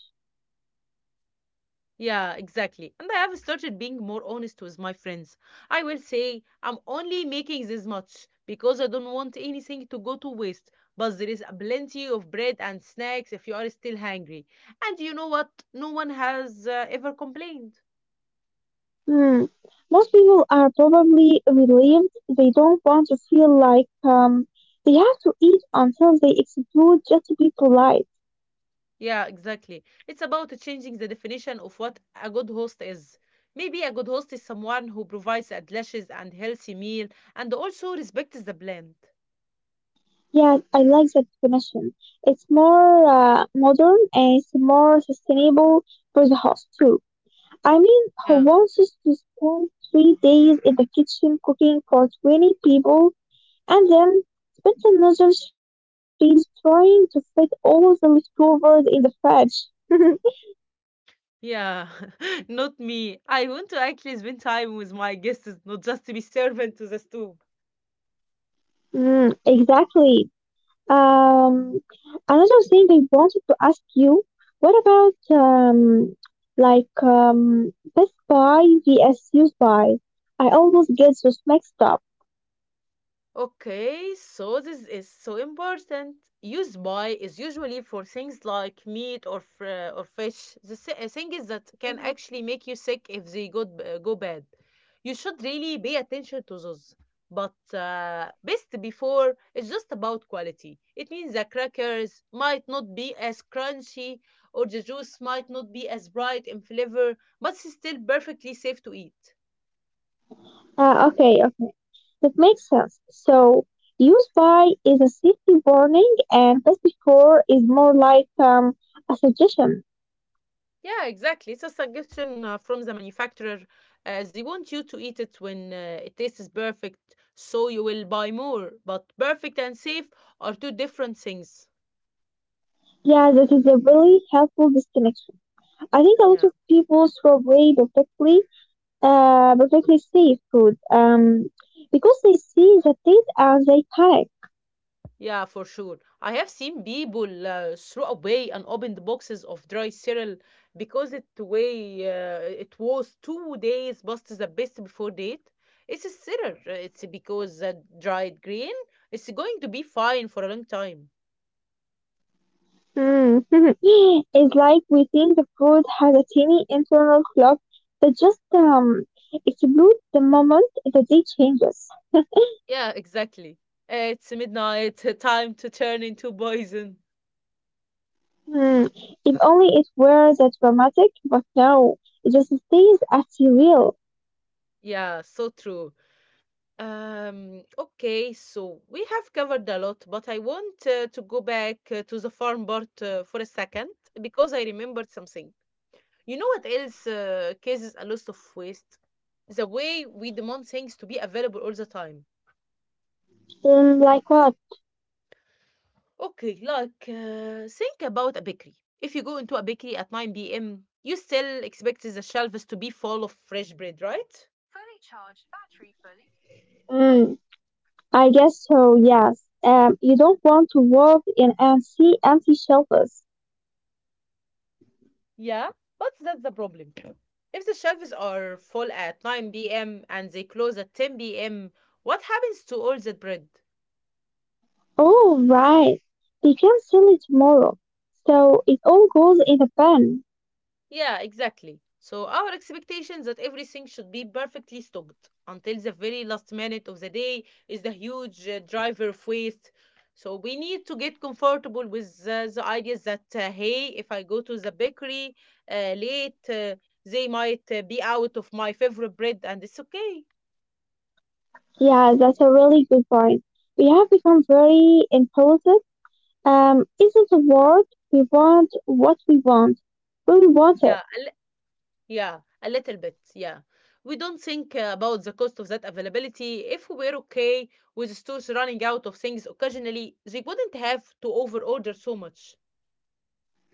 Speaker 1: Yeah, exactly. And I have started being more honest with my friends. I will say, I'm only making this much because I don't want anything to go to waste. But there is a plenty of bread and snacks if you are still hungry. And you know what? No one has ever complained.
Speaker 2: Hmm. Most people are probably relieved they don't want to feel like they have to eat until they explode just to be polite.
Speaker 1: Yeah, exactly. It's about changing the definition of what a good host is. Maybe a good host is someone who provides a delicious and healthy meal and also respects the blend.
Speaker 2: Yeah, I like that definition. It's more modern and it's more sustainable for the host too. I mean, who
Speaker 1: Yeah.
Speaker 2: wants us to spend 3 days in the kitchen cooking for 20 people and then spend another 3 days trying to fit all the leftovers in the fridge? *laughs*
Speaker 1: Yeah, *laughs* not me. I want to actually spend time with my guests, not just to be servant to the stew.
Speaker 2: Mm, exactly. Um, Another thing I wanted to ask you, what about Best Buy vs. VSU Buy? I always get those mixed up.
Speaker 1: Okay, so this is so important. Used by is usually for things like meat or or fish. The thing is that can
Speaker 2: hmm
Speaker 1: actually make you sick if they go bad. You should really pay attention to those. But best before is just about quality. It means the crackers might not be as crunchy or the juice might not be as bright in flavor, but it's still perfectly safe to eat.
Speaker 2: Okay, okay, that makes sense. So, use Buy is a safety warning, and best before is more like a suggestion.
Speaker 1: Yeah, exactly. It's a suggestion from the manufacturer. They want you to eat it when it tastes perfect, so you will buy more. But perfect and safe are two different things.
Speaker 2: Yeah, that is a really helpful disconnection. I think a lot
Speaker 1: Yeah,
Speaker 2: of people throw away perfectly perfectly safe food because they see the taste and they panic.
Speaker 1: yeah, for sure. I have seen people throw away and open the boxes of dry cereal because it was 2 days past the best before date. It's a cereal. It's because the dried grain. It's going to be fine for a long time.
Speaker 2: Hmm. *laughs* It's like we think the food has a tiny internal clock that just explodes the moment the day changes.
Speaker 1: Yeah, exactly. It's midnight, *laughs* time to turn into poison.
Speaker 2: Hmm. If only it were that dramatic, but no, it just stays as you will.
Speaker 1: Yeah, so true. Okay, so we have covered a lot, but I want to go back to the farm part for a second because I remembered something. You know what else causes a lot of waste? The way we demand things to be available all the time.
Speaker 2: Mm, like what?
Speaker 1: Okay, think about a bakery. If you go into a bakery at 9 p.m., you still expect the shelves to be full of fresh bread, right?
Speaker 2: Mm, I guess so, yes. You don't want to walk in and see empty shelves.
Speaker 1: Yeah, but that's the problem. If the shelves are full at 9 p.m. and they close at 10 p.m., what happens to all that bread?
Speaker 2: Oh, right. They can sell it tomorrow. So it all goes in a bin.
Speaker 1: Yeah, exactly. So our expectations that everything should be perfectly stocked until the very last minute of the day is the huge driver of waste. So we need to get comfortable with the ideas that hey, if I go to the bakery uh, late, uh, they might be out of my favorite bread, and it's okay.
Speaker 2: Yeah, that's a really good point. We have become very impulsive. Isn't the word we want what we want when we want
Speaker 1: Yeah,
Speaker 2: it?
Speaker 1: Yeah, a little bit, yeah. We don't think about the cost of that availability. If we were okay with stores running out of things occasionally, they wouldn't have to overorder so much.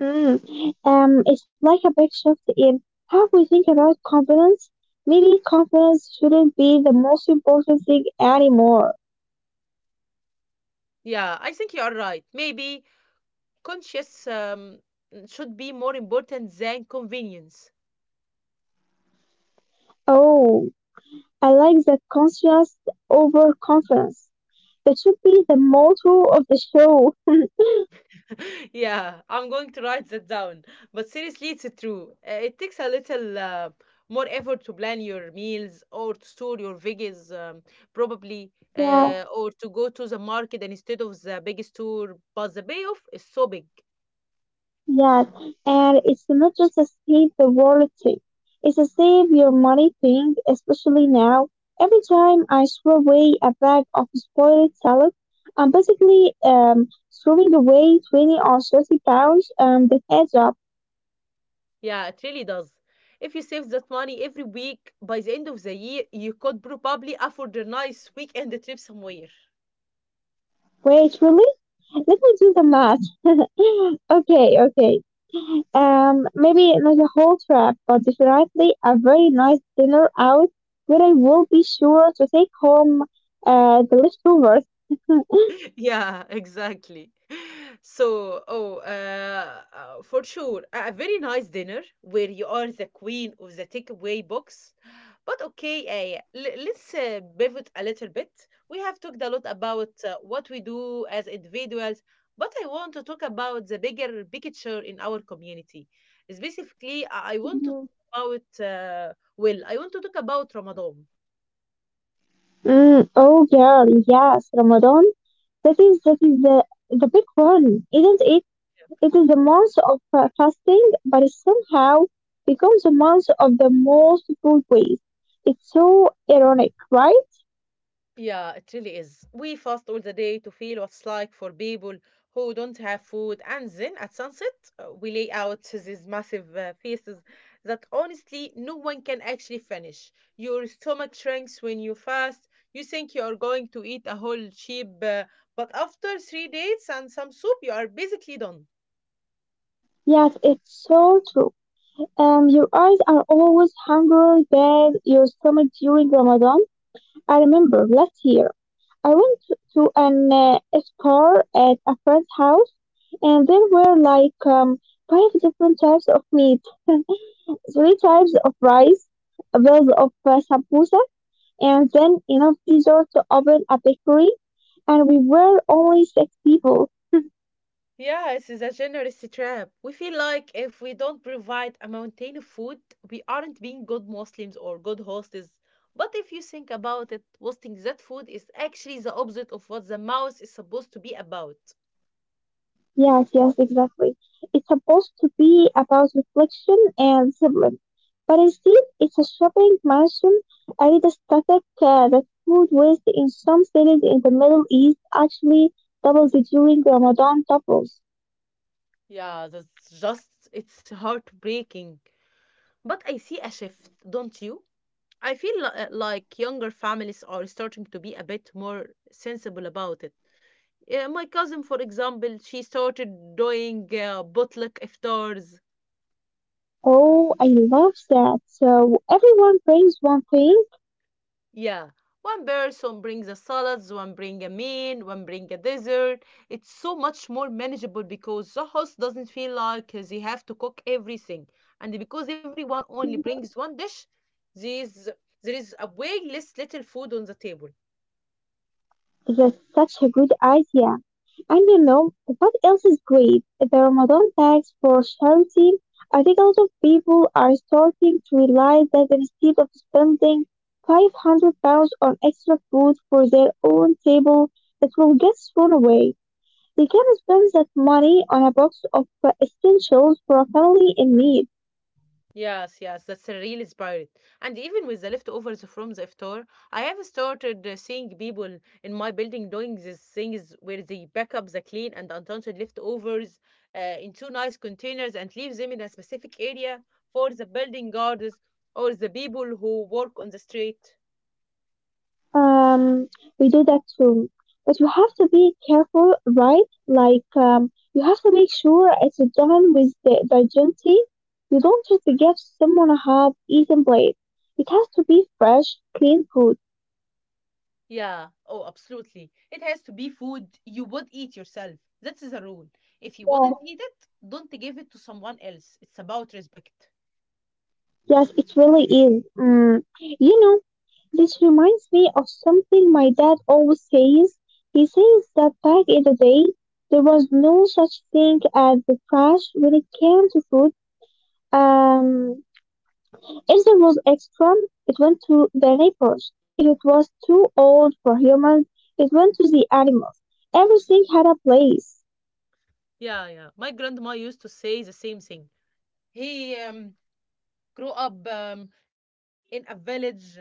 Speaker 2: Mm. It's like a big shift in how we think about confidence. Maybe confidence shouldn't be the most important thing anymore.
Speaker 1: Yeah, I think you are right. Maybe conscious should be more important than convenience.
Speaker 2: Oh, I like that conscious overconfidence. That should be the motto of the show.
Speaker 1: *laughs* Yeah, I'm going to write that down. But seriously, it's true. It takes a little more effort to plan your meals or to store your veggies, probably,
Speaker 2: Yeah,
Speaker 1: or to go to the market and instead of the big store. But the payoff is so big.
Speaker 2: yeah. And it's not just a save the world thing. It's a save your money thing, especially now. Every time I throw away a bag of spoiled salad, I'm basically throwing away 20 or 30 pounds that adds up.
Speaker 1: Yeah, it really does. If you save that money every week, by the end of the year, you could probably afford a nice weekend trip somewhere.
Speaker 2: Wait, really? Let me do the math. *laughs* Okay, okay. Maybe not a whole trip, but definitely a very nice dinner out where I will be sure to take home the leftovers. *laughs*
Speaker 1: *laughs* Yeah, exactly. So, oh, for sure, a very nice dinner where you are the queen of the takeaway box. But okay, let's pivot a little bit. We have talked a lot about what we do as individuals, but I want to talk about the bigger picture in our community. Specifically, I want to talk about, well, I want to talk about Ramadan.
Speaker 2: Mm, oh girl, yes, Ramadan. That is the big one, isn't it? It is the month of fasting, but it somehow becomes the month of the most food waste. It's so ironic, right?
Speaker 1: Yeah, it really is. We fast all the day to feel what's like for people who don't have food, and then at sunset, we lay out these massive feasts that honestly no one can actually finish. Your stomach shrinks when you fast. You think you are going to eat a whole sheep, but after three dates and some soup, you are basically done.
Speaker 2: Yes, it's so true. Your eyes are always hungrier than your stomach during Ramadan. I remember last year I went to an iftar at a friend's house, and there were like 5 different types of meat, *laughs* 3 types of rice, those of sambusa, and then enough dessert to open a bakery. And we were only 6 people.
Speaker 1: Yes, it's a generous trap. We feel like if we don't provide a mountain of food, we aren't being good Muslims or good hosts. But if you think about it, wasting that food is actually the opposite of what the mouse is supposed to be about.
Speaker 2: Yes, yes, exactly. It's supposed to be about reflection and sibling, but instead it's a shopping marathon. I read a static that food waste in some cities in the Middle East actually doubles during Ramadan doubles.
Speaker 1: Yeah, that's just, it's heartbreaking. But I see a shift, don't you? I feel like younger families are starting to be a bit more sensible about it. Yeah, my cousin, for example, she started doing bootleg iftars.
Speaker 2: Oh, I love that. So everyone brings one thing.
Speaker 1: Yeah. One person brings the salads, one bring a main, one bring a dessert. It's so much more manageable because the host doesn't feel like they have to cook everything. And because everyone only
Speaker 2: hmm
Speaker 1: brings one dish, there is, there is a way less little food on the table.
Speaker 2: That's such a good idea. And you know what else is great? The Ramadan tax for charity. I think a lot of people are starting to realize that instead of spending 500 pounds on extra food for their own table that will get thrown away, they can spend that money on a box of essentials for a family in need.
Speaker 1: Yes, yes, that's a real spirit. And even with the leftovers from the iftar, I have started seeing people in my building doing these things where they pack up the clean and unwanted leftovers into nice containers and leave them in a specific area for the building guards or the people who work on the street.
Speaker 2: Um, we do that too. But you have to be careful, right? Like, you have to make sure it's done with the dignity. You don't just give someone a half-eaten plate. It has to be fresh, clean food.
Speaker 1: Yeah, oh, absolutely. It has to be food you would eat yourself. That's the rule. If you
Speaker 2: Yeah.
Speaker 1: wouldn't eat it, don't give it to someone else. It's about respect.
Speaker 2: Yes, it really is. Mm. You know, this reminds me of something my dad always says. He says that back in the day, there was no such thing as the trash when it came to food. Um, If there was extra, it went to the neighbors. If it was too old for humans, it went to the animals. Everything had a place.
Speaker 1: Yeah, yeah. My grandma used to say the same thing. He grew up in a village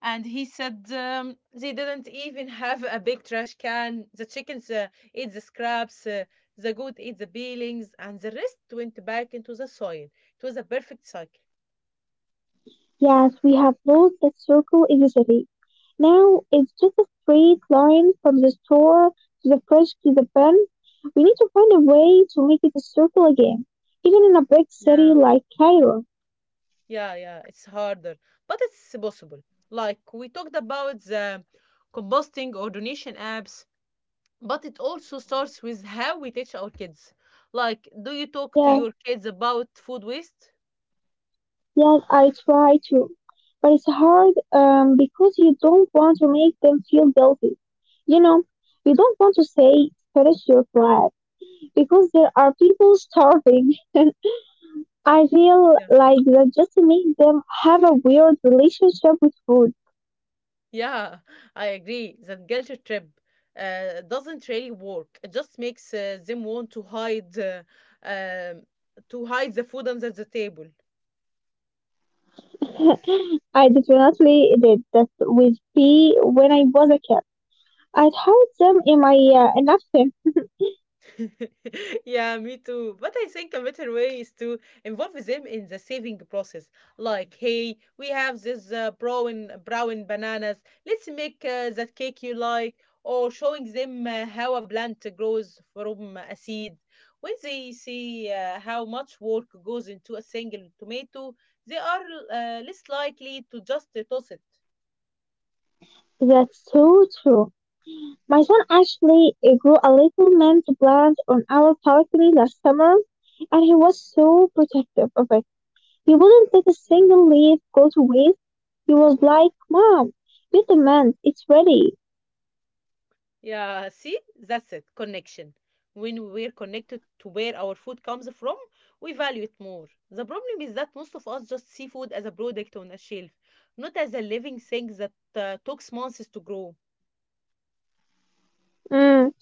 Speaker 1: and he said they didn't even have a big trash can. The chickens ate the scraps, the goat ate the peelings, and the rest went back into the soil. It was a perfect cycle.
Speaker 2: Yes, we have lost that circle in the city. Now it's just a straight line from the store to the fridge to the pen. We need to find a way to make it a circle again, even in a big city
Speaker 1: Yeah,
Speaker 2: like Cairo.
Speaker 1: yeah, yeah. It's harder, but it's possible. Like we talked about the composting or donation apps, but it also starts with how we teach our kids. Like, do you talk to
Speaker 2: Yeah.
Speaker 1: your kids about food waste?
Speaker 2: Yes, I try to. But it's hard because you don't want to make them feel guilty. You know, you don't want to
Speaker 1: Yeah,
Speaker 2: say, finish your flat, because there are people starving. *laughs* I feel
Speaker 1: yeah,
Speaker 2: like that just makes them have a weird relationship with food.
Speaker 1: Yeah, I agree. That guilt trip doesn't really work. It just makes them want to um, to hide the food under the table.
Speaker 2: *laughs* I definitely did that with pee when I was a kid. I told them in my napkin.
Speaker 1: *laughs* Yeah, me too. But I think a better way is to involve them in the saving process. Like, hey, we have this brown bananas. Let's make that cake you like. Or showing them how a plant grows from a seed. When they see how much work goes into a single tomato, they are less likely to just toss it.
Speaker 2: That's so true. My son actually grew a little mint plant on our balcony last summer, and he was so protective of it. He wouldn't let a single leaf go to waste. He was like, Mom, get the mint, it's ready.
Speaker 1: Yeah, see, that's it, connection. When we're connected to where our food comes from, we value it more. The problem is that most of us just see food as a product on a shelf, not as a living thing that takes months to grow.
Speaker 2: Mm,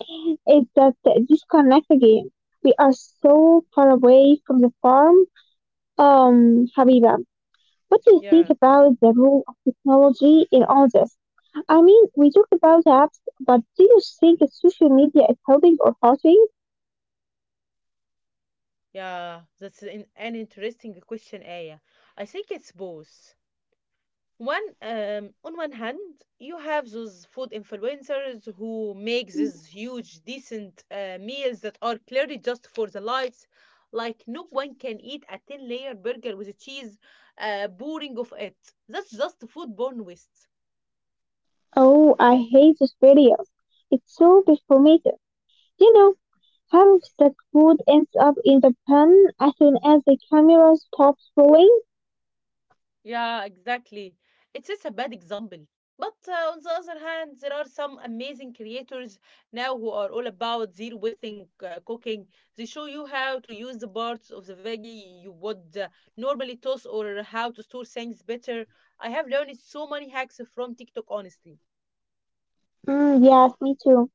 Speaker 2: it's that disconnect again. We are so far away from the farm. Habiba, what do you think
Speaker 1: Yeah,
Speaker 2: about the role of technology in all this? I mean, we talked about apps, but do you think that social media is helping or hurting?
Speaker 1: yeah, that's an interesting question, Aya. I think it's both. On one hand, you have those food influencers who make these
Speaker 2: Mhm.
Speaker 1: huge, decent meals that are clearly just for the likes. Like no one can eat a ten-layer burger with cheese, boring of it. That's just foodborne waste.
Speaker 2: Oh, I hate those videos. It's so performative. You know, half of that food ends up in the pan as soon as the camera stops rolling.
Speaker 1: Yeah, exactly. It's just a bad example. But on the other hand, there are some amazing creators now who are all about zero wasting cooking. They show you how to use the parts of the veggie you would normally toss or how to store things better. I have learned so many hacks from TikTok, honestly.
Speaker 2: Mm, yes, me too.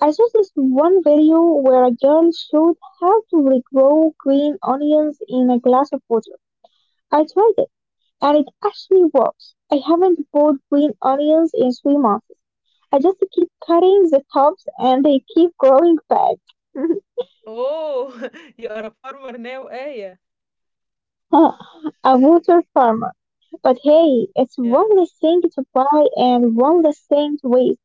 Speaker 2: I saw this one video where a girl showed how to regrow green onions in a glass of water. I tried it, and it actually works. I haven't bought green onions in 3 months. I just keep cutting the tops, and they keep growing back. *laughs*
Speaker 1: Oh, *laughs* you are a farmer now, Aya.
Speaker 2: A water farmer. But hey, it's
Speaker 1: Yeah.
Speaker 2: one less thing to buy and one less thing to waste.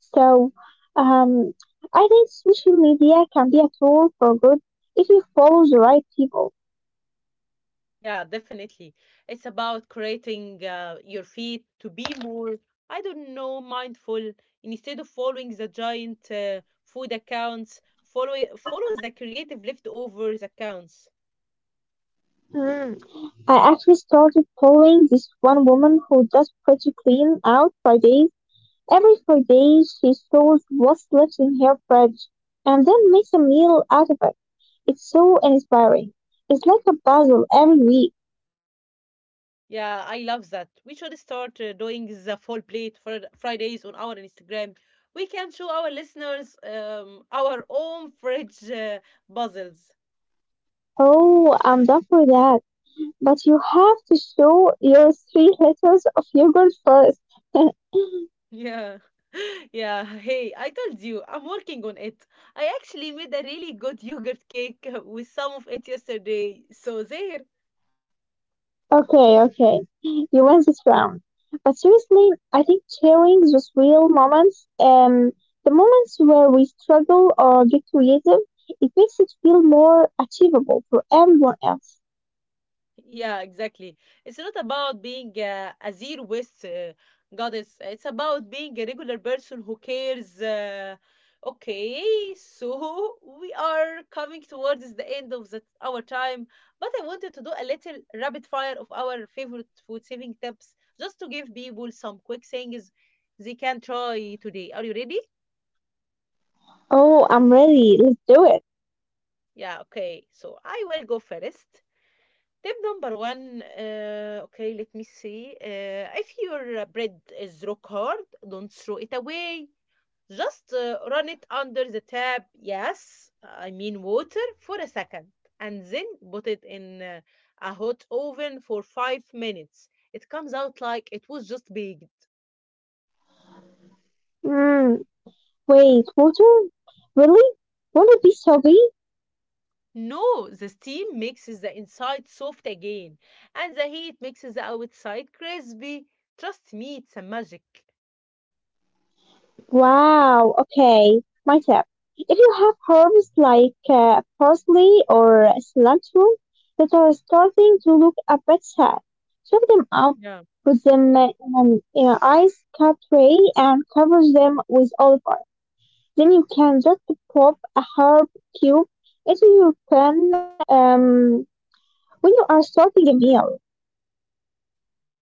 Speaker 2: So, um, I think social media can be a tool for good if you follow the right people.
Speaker 1: Yeah, definitely. It's about creating your feet to be more, I don't know, mindful. Instead of following the giant food accounts, follow the creative leftovers accounts.
Speaker 2: Mm. I actually started following this one woman who does pretty clean out Fridays. Every Friday, she stores what's left in her fridge and then makes a meal out of it. It's so inspiring. It's like a puzzle every week.
Speaker 1: Yeah, I love that. We should start doing the full plate for Fridays on our Instagram. We can show our listeners our own fridge puzzles.
Speaker 2: Oh, I'm done for that. But you have to show your three letters of yogurt first. *laughs*
Speaker 1: Yeah. *laughs* Yeah. Hey, I told you, I'm working on it. I actually made a really good yogurt cake *laughs* with some of it yesterday. So there.
Speaker 2: Okay, okay. You win this round. But seriously, I think sharing those real moments, the moments where we struggle or get creative, it makes it feel more achievable for everyone else.
Speaker 1: Yeah, exactly. It's not about being a zero waste goddess. It's about being a regular person who cares. Okay, so *laughs* we are coming towards the end of our time, but I wanted to do a little rapid fire of our favorite food saving tips just to give people some quick things they can try today. Are you ready?
Speaker 2: Oh, I'm ready. Let's do it.
Speaker 1: Yeah, okay. So I will go first. Tip number 1, okay, let me see. If your bread is rock hard, don't throw it away. Just run it under the tap, yes, I mean water, for a second, and then put it in a hot oven for 5 minutes. It comes out like it was just baked.
Speaker 2: Mm, wait, water? Really? Won't it be soggy?
Speaker 1: No, the steam makes the inside soft again, and the heat makes the outside crispy. Trust me, it's a magic.
Speaker 2: Wow, okay. My tip. If you have herbs like parsley or cilantro that are starting to look a bit sad, chop them up, put them in in an ice cut tray, and cover them with olive oil. Then you can just pop a herb cube into your pan when you are starting a meal.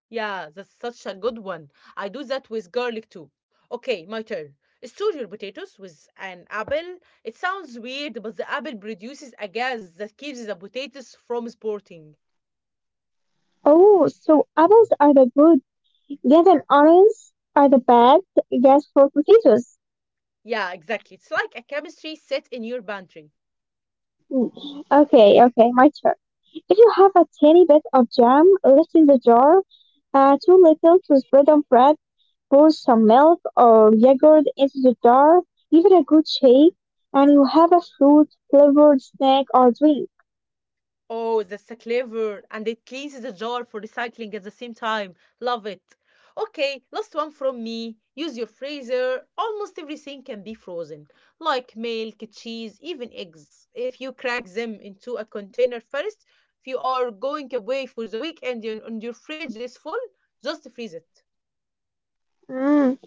Speaker 1: Yeah, that's such a good one. I do that with garlic too. Okay, my turn. Store your potatoes with an apple. It sounds weird, but the apple produces a gas that keeps the potatoes from sprouting.
Speaker 2: Oh, so apples are the good, get an orange are the bad, guess for potatoes.
Speaker 1: Yeah, exactly. It's like a chemistry set in your pantry.
Speaker 2: Mm, okay, okay, my turn. If you have a tiny bit of jam left in the jar, too little to spread on bread, pour some milk or yogurt into the jar, give it a good shake, and you have a fruit flavored snack or drink.
Speaker 1: Oh, that's a clever. And it cleans the jar for recycling at the same time. Love it. Okay, last one from me. Use your freezer. Almost everything can be frozen, like milk, cheese, even eggs. If you crack them into a container first, if you are going away for the weekend and your fridge is full, just freeze it.
Speaker 2: Mm,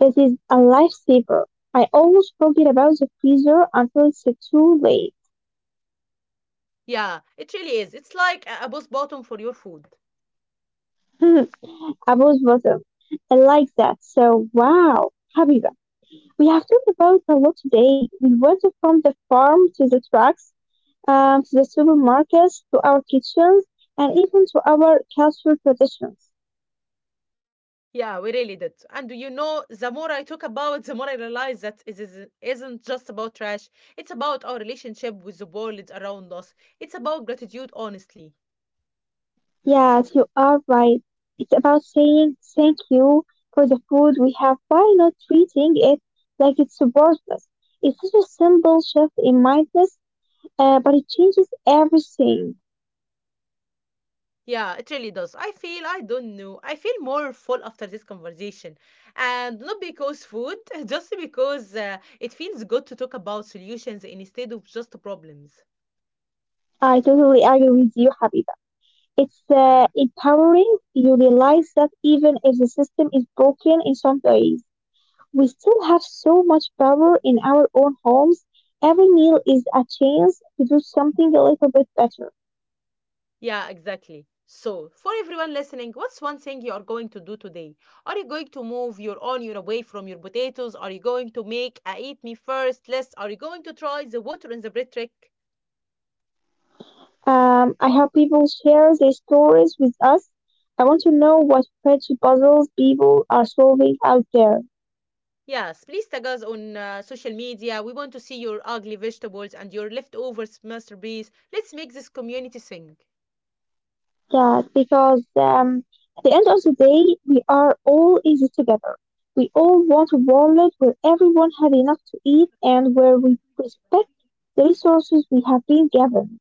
Speaker 2: this is a lifesaver. I always forget about the freezer until it's too late.
Speaker 1: Yeah, it really is. It's like a bus bottom for your food.
Speaker 2: *laughs* I was bottom. I like that. So, wow. Habiba. We have talked about a lot today. We went from the farm to the trucks, to the supermarkets, to our kitchens, and even to our cultural traditions.
Speaker 1: Yeah, we really did. And you know, the more I talk about, the more I realize that it is, isn't just about trash. It's about our relationship with the world around us. It's about gratitude, honestly.
Speaker 2: Yes, you are right. It's about saying thank you for the food we have by not treating it like it's worthless. It's such a simple shift in mindset, but it changes everything.
Speaker 1: Yeah, it really does. I feel, I don't know, I feel more full after this conversation. And not because food, *laughs* just because it feels good to talk about solutions instead of just problems.
Speaker 2: I totally agree with you, Habib. It's
Speaker 1: Yeah.
Speaker 2: empowering. You realize that even if the system is broken in some ways, we still have so much power in our own homes. Every meal is a chance to do something a little bit better.
Speaker 1: Yeah, exactly. So, for everyone listening, what's one thing you are going to do today? Are you going to move your onion away from your potatoes? Are you going to make a eat me first list? Are you going to try the water in the bread trick?
Speaker 2: I hope people share their stories with us. I want to know what veggie puzzles people are solving out there.
Speaker 1: Yes, please tag us on social media. We want to see your ugly vegetables and your leftovers masterpiece. Let's make this community sing.
Speaker 2: Yeah, because at the end of the day, we are all in it together. We all want a world where everyone has enough to eat and where we respect the resources we have been given.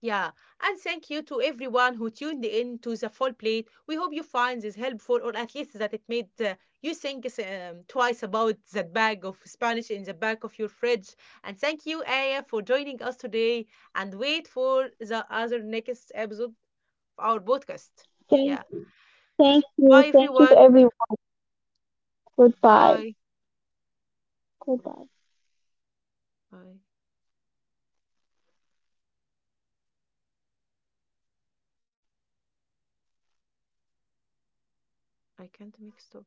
Speaker 1: Yeah, and thank you to everyone who tuned in to the full plate. We hope you find this helpful, or at least that it made you think twice about that bag of Spanish in the back of your fridge. And thank you, Aya, for joining us today. And wait for the other next episode of our podcast.
Speaker 2: Thank,
Speaker 1: Yeah. Bye,
Speaker 2: thank you to
Speaker 1: everyone.
Speaker 2: everyone. Goodbye.
Speaker 1: Bye.
Speaker 2: Goodbye.
Speaker 1: Bye. I can't make stop.